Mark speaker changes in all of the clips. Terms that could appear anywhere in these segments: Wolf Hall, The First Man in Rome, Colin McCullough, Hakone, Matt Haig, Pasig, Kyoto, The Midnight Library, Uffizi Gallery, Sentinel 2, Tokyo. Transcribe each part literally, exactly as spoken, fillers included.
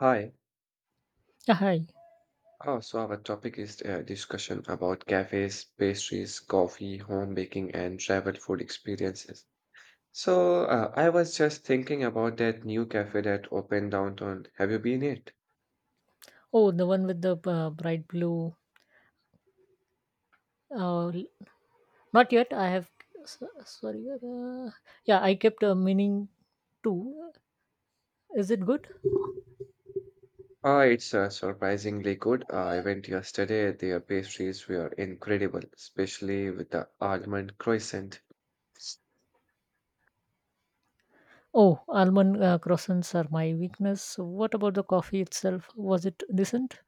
Speaker 1: Hi.
Speaker 2: Yeah, hi.
Speaker 1: Oh, so our topic is a discussion about cafes, pastries, coffee, home baking, and travel food experiences. So, uh, I was just thinking about that new cafe that opened downtown. Have you been it?
Speaker 2: Oh, the one with the uh, bright blue. Uh, l- Not yet. I have. so- Sorry. Uh, yeah, I kept uh, meaning to. Is it good?
Speaker 1: Uh, it's uh, surprisingly good. Uh, I went yesterday. Their pastries were incredible, especially with the almond croissant.
Speaker 2: Oh, almond uh, croissants are my weakness. What about the coffee itself? Was it decent?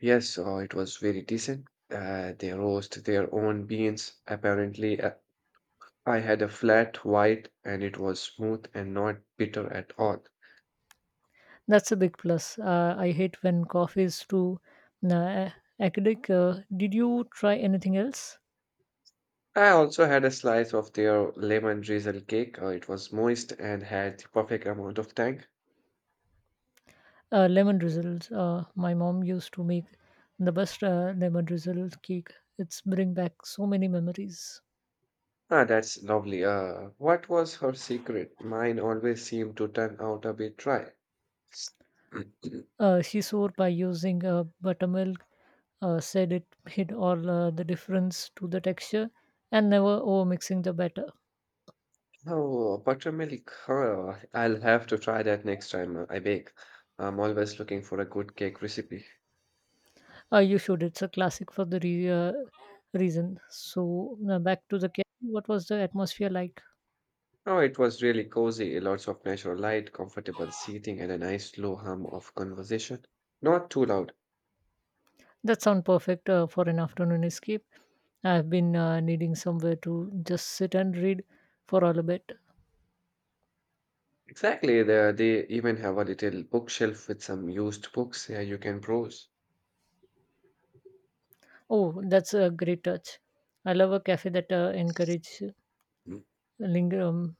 Speaker 1: Yes, uh, it was very decent. Uh, they roast their own beans. Apparently, uh, I had a flat white and it was smooth and not bitter at all.
Speaker 2: That's a big plus. Uh, I hate when coffee is too uh, acidic. Uh, did you try anything else?
Speaker 1: I also had a slice of their lemon drizzle cake. Uh, it was moist and had the perfect amount of tang.
Speaker 2: Uh, lemon drizzles. Uh, my mom used to make the best uh, lemon drizzle cake. It's bring back so many memories.
Speaker 1: Ah, that's lovely. Uh, what was her secret? Mine always seemed to turn out a bit dry.
Speaker 2: Uh, she sewed by using uh, buttermilk. Uh, said it hid all uh, the difference to the texture and never over mixing the batter.
Speaker 1: Oh, buttermilk. Huh, I'll have to try that next time uh, I bake. I'm always looking for a good cake recipe.
Speaker 2: Uh, you should. It's a classic for the re- uh, reason. So uh, back to the cake. What was the atmosphere like?
Speaker 1: Oh, it was really cozy, lots of natural light, comfortable seating, and a nice low hum of conversation. Not too loud.
Speaker 2: That sound perfect uh, for an afternoon escape. I've been uh, needing somewhere to just sit and read for all a bit.
Speaker 1: Exactly, they, they even have a little bookshelf with some used books here you can browse.
Speaker 2: Oh, that's a great touch. I love a cafe that uh, encourages
Speaker 1: Mm.
Speaker 2: linger. Um,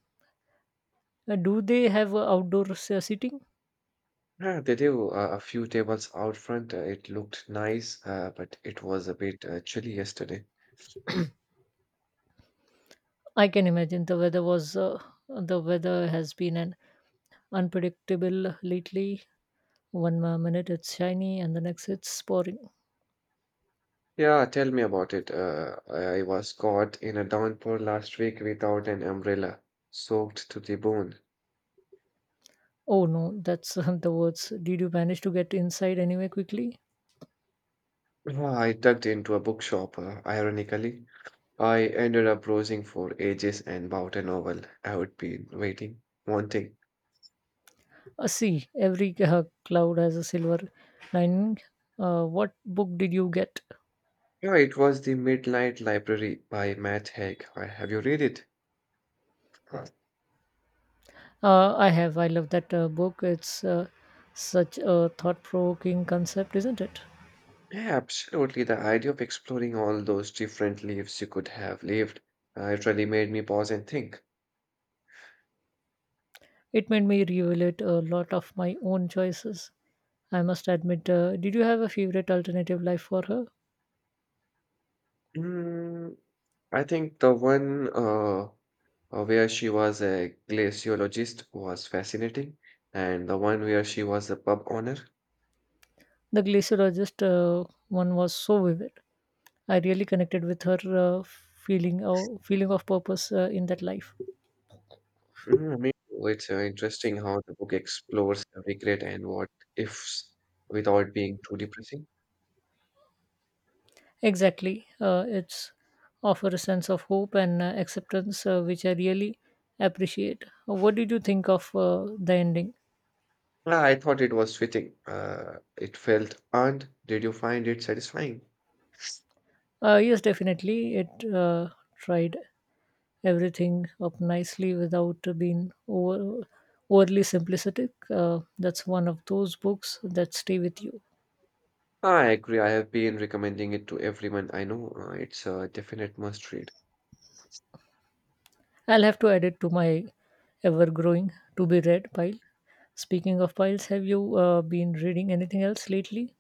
Speaker 2: uh, Do they have uh, outdoor s- uh, seating?
Speaker 1: Yeah, they do uh, a few tables out front. Uh, it looked nice, uh, but it was a bit uh, chilly yesterday.
Speaker 2: I can imagine the weather was uh, the weather has been an unpredictable lately. One uh, minute it's shiny and the next it's pouring.
Speaker 1: Yeah, tell me about it. Uh, I was caught in a downpour last week without an umbrella, soaked to the bone.
Speaker 2: Oh no, that's uh, the words. Did you manage to get inside anyway quickly?
Speaker 1: Ah, I tucked into a bookshop, uh, ironically. I ended up browsing for ages and bought a novel I had been waiting, wanting.
Speaker 2: Uh, see, every uh, cloud has a silver lining. Uh, what book did you get?
Speaker 1: Yeah, it was The Midnight Library by Matt Haig. Uh, Have you read it? Huh.
Speaker 2: Uh, I have. I love that uh, book. It's uh, such a thought provoking concept, isn't it?
Speaker 1: Yeah, absolutely. The idea of exploring all those different lives you could have lived uh, it really made me pause and think.
Speaker 2: It made me reevaluate a lot of my own choices. I must admit, uh, did you have a favorite alternative life for her?
Speaker 1: Mm, I think the one uh, uh, where she was a glaciologist was fascinating, and the one where she was a pub owner.
Speaker 2: The glaciologist uh, one was so vivid. I really connected with her uh, feeling uh, feeling of purpose uh, in that life.
Speaker 1: Mhm, me too. It's uh, interesting how the book explores the regret and what ifs without being too depressing.
Speaker 2: Exactly, uh, it's offer a sense of hope and uh, acceptance, uh, which I really appreciate. What did you think of uh, the ending?
Speaker 1: Ah, I thought it was fitting. Uh, it felt earned. Did you find it satisfying?
Speaker 2: Uh, yes, definitely. It uh, tried everything up nicely without being over, overly simplistic. Uh, that's one of those books that stay with you.
Speaker 1: Ah, I agree. I have been recommending it to everyone I know. Uh, it's a definite must read.
Speaker 2: I'll have to add it to my ever growing to be read pile. Speaking of piles, have you uh, been reading anything else lately?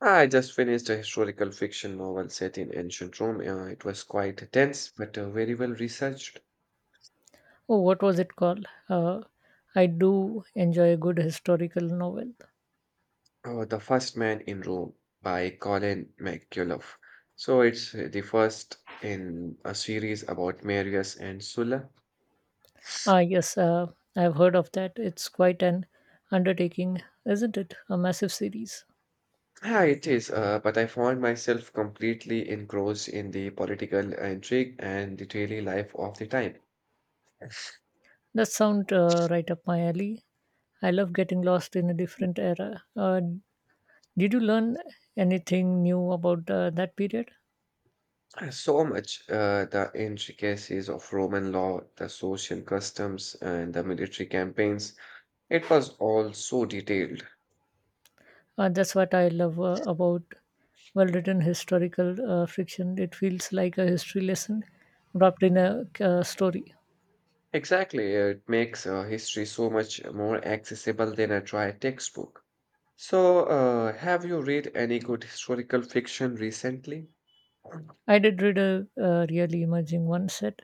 Speaker 1: Ah, I just finished a historical fiction novel set in ancient Rome. Uh, it was quite dense, but uh, very well researched.
Speaker 2: Oh, what was it called? Uh, I do enjoy a good historical novel.
Speaker 1: Oh, The First Man in Rome by Colin McCullough. So it's uh, the first in a series about Marius and Sulla.
Speaker 2: Ah, yes, uh, I've heard of that. It's quite an undertaking, isn't it? A massive series.
Speaker 1: Yeah, it is, uh, but I found myself completely engrossed in the political intrigue and the daily life of the time.
Speaker 2: That sound uh, right up my alley. I love getting lost in a different era. Uh, did you learn anything new about uh, that period?
Speaker 1: Uh, So much, uh, the intricacies of Roman law, the social customs, and the military campaigns. It was all so detailed.
Speaker 2: Uh, that's what I love uh, about well written historical uh, fiction. It feels like a history lesson wrapped in a uh, story.
Speaker 1: Exactly, uh, it makes uh, history so much more accessible than a dry textbook. So, uh, have you read any good historical fiction recently?
Speaker 2: I did read a uh, really emerging one set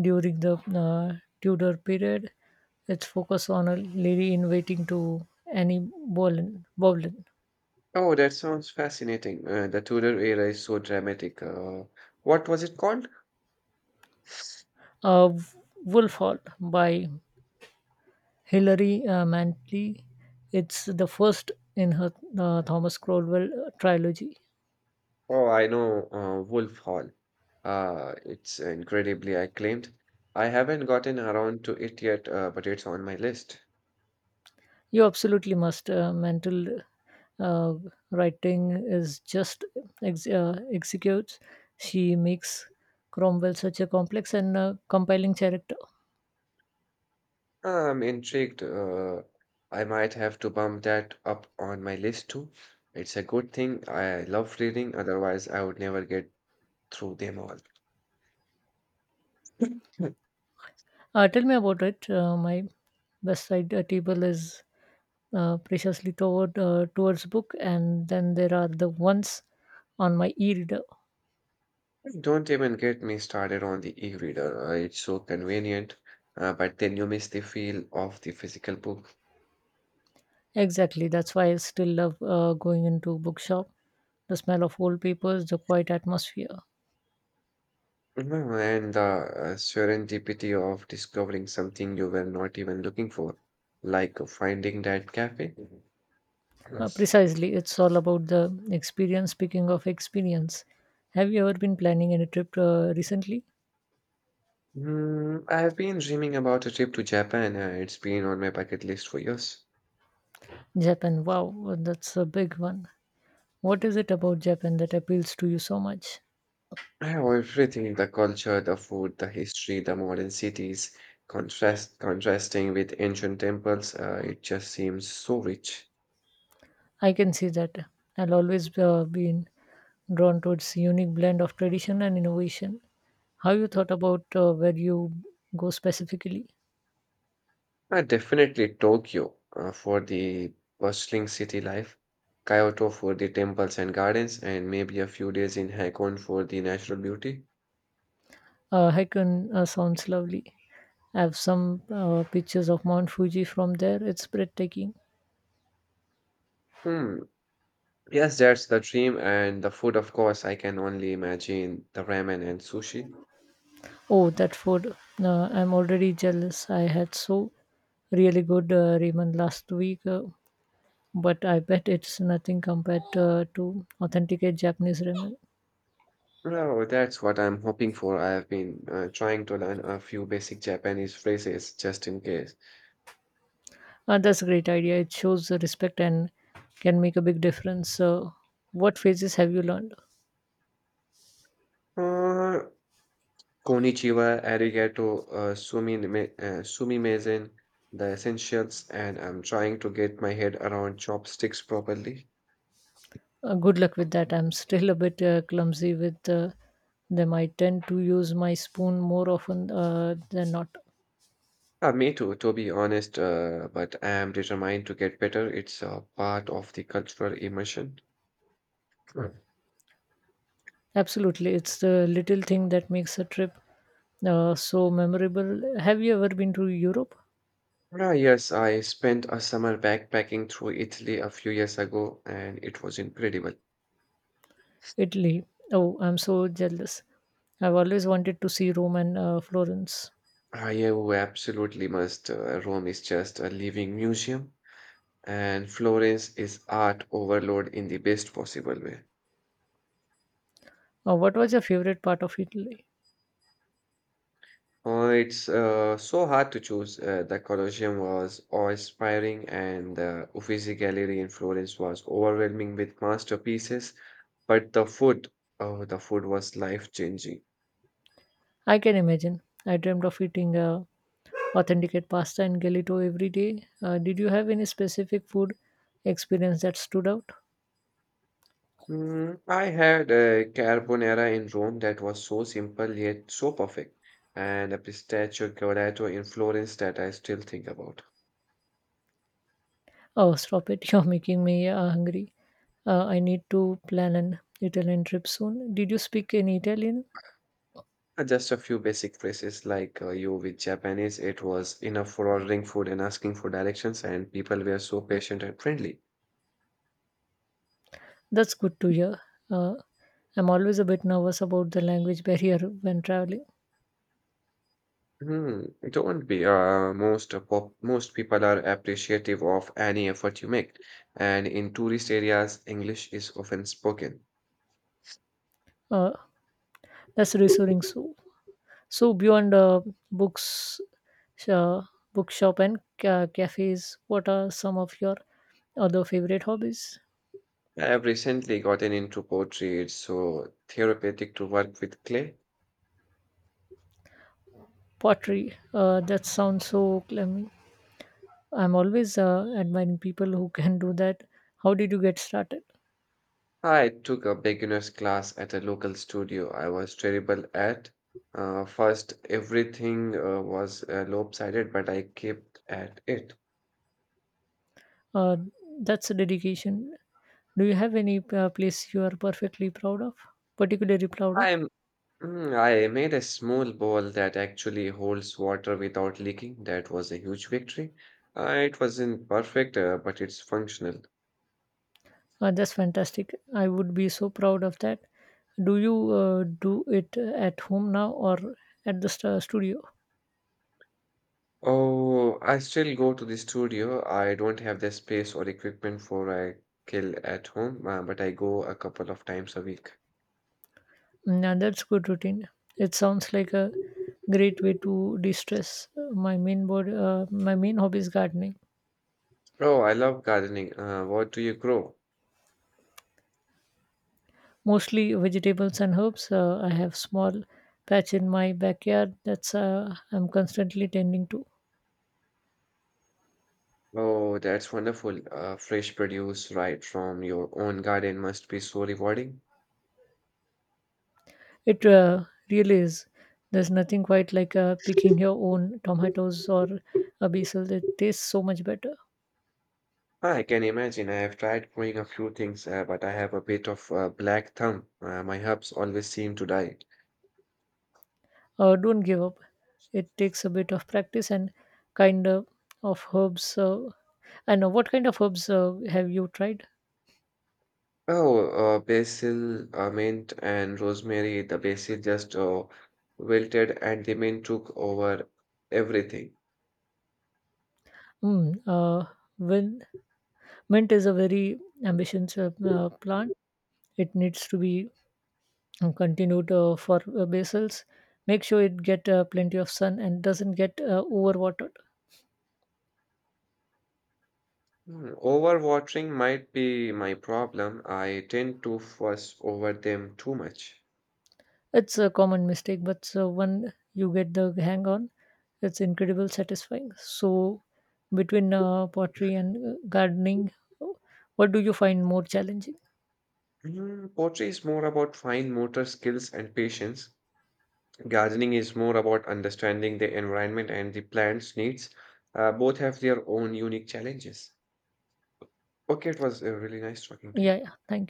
Speaker 2: during the uh, Tudor period, its focus on a lady in waiting to Annie Boleyn, Boleyn.
Speaker 1: Oh, that sounds fascinating. Uh, the Tudor era is so dramatic. Uh, what was it called?
Speaker 2: Uh, Wolf Hall by Hilary uh, Mantley. It's the first in her uh, Thomas Cromwell trilogy.
Speaker 1: Oh, I know, uh, Wolf Hall. Uh, it's incredibly acclaimed. I haven't gotten around to it yet, uh, but it's on my list.
Speaker 2: You absolutely must. Uh, mental uh, writing is just ex- uh, executes. She makes Cromwell such a complex and uh, compelling character.
Speaker 1: I'm intrigued. Uh, I might have to bump that up on my list too. It's a good thing. I love reading, otherwise I would never get through them all.
Speaker 2: Uh, tell me about it. Uh, my west side uh, table is uh, preciously toward uh, towards book, and then there are the ones on my e-reader.
Speaker 1: Don't even get me started on the e-reader. uh, It's so convenient, uh, but then you miss the feel of the physical book.
Speaker 2: Exactly. That's why I still love uh, going into bookshop. The smell of old papers, the quiet atmosphere.
Speaker 1: Mhm, and the uh, serendipity of discovering something you were not even looking for, like uh, finding that cafe.
Speaker 2: Uh,
Speaker 1: Yes.
Speaker 2: precisely, it's all about the experience. Speaking of experience, have you ever been planning any trip uh, recently?
Speaker 1: Mm, I've been dreaming about a trip to Japan. uh, It's been on my bucket list for years.
Speaker 2: Japan. Wow, that's a big one. What is it about Japan that appeals to you so much?
Speaker 1: Eh, well, everything, the culture, the food, the history, the modern cities, contrast contrasting with ancient temples, uh, it just seems so rich.
Speaker 2: I can see that. I will always uh, been drawn to its unique blend of tradition and innovation. How you thought about uh, where you go specifically?
Speaker 1: Uh, definitely Tokyo uh, for the bustling city life, Kyoto for the temples and gardens, and maybe a few days in Hakone for the natural beauty.
Speaker 2: Uh, Haikun uh, sounds lovely. I have some uh, pictures of Mount Fuji from there. It's breathtaking.
Speaker 1: Hmm. Yes, that's the dream, and the food, of course, I can only imagine the ramen and sushi.
Speaker 2: Oh, that food. Uh, I'm already jealous. I had so really good uh, ramen last week, uh, but I bet it's nothing compared uh, to authenticate Japanese ramen.
Speaker 1: No, that's what I'm hoping for. I have been uh, trying to learn a few basic Japanese phrases just in case.
Speaker 2: Uh, that's a great idea. It shows the respect and can make a big difference. So, what phases have you learned?
Speaker 1: Uh, Konnichiwa, arigato, uh, sumime, uh, sumimasen, the essentials, and I'm trying to get my head around chopsticks properly.
Speaker 2: Uh, good luck with that. I'm still a bit uh, clumsy with uh, them. I tend to use my spoon more often uh, than not.
Speaker 1: Uh, me too, to be honest, uh, but I am determined to get better. It's a part of the cultural immersion. Right.
Speaker 2: Absolutely. It's the little thing that makes a trip uh, so memorable. Have you ever been to Europe?
Speaker 1: Ah, yes, I spent a summer backpacking through Italy a few years ago, and it was incredible.
Speaker 2: Italy. Oh, I'm so jealous. I've always wanted to see Rome and uh, Florence.
Speaker 1: Io absolutely must. Uh, Rome is just a living museum, and Florence is art overload in the best possible way.
Speaker 2: Uh, what was your favorite part of Italy?
Speaker 1: Uh, it's uh, so hard to choose. Uh, the Colosseum was awe-inspiring, and the Uffizi Gallery in Florence was overwhelming with masterpieces. But the food, oh, the food was life-changing.
Speaker 2: I can imagine. I dreamed of eating uh, authenticate pasta and gelato every day. Uh, did you have any specific food experience that stood out?
Speaker 1: Mm, I had a carbonara in Rome that was so simple yet so perfect, and a pistachio colato in Florence that I still think about.
Speaker 2: Oh, stop it. You're making me uh, hungry. Uh, I need to plan an Italian trip soon. Did you speak any Italian?
Speaker 1: Uh, Just a few basic phrases like uh, you with Japanese, it was enough for ordering food and asking for directions, and people were so patient and friendly.
Speaker 2: That's good to hear. Uh, I'm always a bit nervous about the language barrier when traveling.
Speaker 1: Hmm, don't be. Uh, most uh, pop, most people are appreciative of any effort you make, and in tourist areas, English is often spoken.
Speaker 2: Uh, that's reassuring. So, So beyond uh, books, uh, bookshop and ca- cafes, what are some of your other favorite hobbies?
Speaker 1: I've recently gotten into pottery. It's so therapeutic to work with clay.
Speaker 2: Pottery. Uh, that sounds so climbing. I'm always uh, admiring people who can do that. How did you get started?
Speaker 1: I took a beginner's class at a local studio. I was terrible at uh, first. Everything uh, was uh, lopsided, but I kept at it.
Speaker 2: Uh, that's a dedication. Do you have any uh, place you are perfectly proud of, particularly proud of?
Speaker 1: I'm mm, I made a small ball that actually holds water without leaking. That was a huge victory. Uh, it wasn't perfect, uh, but it's functional.
Speaker 2: Uh, that's fantastic. I would be so proud of that. Do you uh, do it at home now or at the st- studio?
Speaker 1: Oh, I still go to the studio. I don't have the space or equipment for a kill at home, uh, but I go a couple of times a week.
Speaker 2: Yeah, that's good routine. It sounds like a great way to de-stress. My main board, uh, my main hobby is gardening,
Speaker 1: Oh, I love gardening. Uh, what do you grow?
Speaker 2: mostly vegetables and herbs. Uh, I have small patch in my backyard that's uh, I'm constantly tending to.
Speaker 1: Oh, that's wonderful. Uh, fresh produce right from your own garden must be so rewarding.
Speaker 2: It uh, really is. There's nothing quite like uh, picking your own tomatoes or a basil. It tastes so much better.
Speaker 1: I can imagine. I have tried growing a few things, uh, but I have a bit of a black thumb. Uh, my herbs always seem to die.
Speaker 2: Uh, don't give up. It takes a bit of practice and kind of, of herbs. Uh, I know what kind of herbs uh, have you tried?
Speaker 1: Oh, uh, basil, uh, mint, and rosemary. The basil just uh, wilted, and the mint took over everything.
Speaker 2: Mm, uh, well, mint is a very ambitious uh, uh, plant. It needs to be uh, continued uh, for uh, basils. Make sure it get uh, plenty of sun and doesn't get uh, overwatered.
Speaker 1: Hmm, overwatering might be my problem. I tend to fuss over them too much.
Speaker 2: It's a common mistake, but so when you get the hang on it's incredible satisfying. So, between uh, pottery and uh, gardening, what do you find more challenging?
Speaker 1: Hmm, poetry is more about fine motor skills and patience. Gardening is more about understanding the environment and the plant's needs. Uh, both have their own unique challenges. Okay, it was uh, really nice talking to you.
Speaker 2: Yeah, yeah. Thank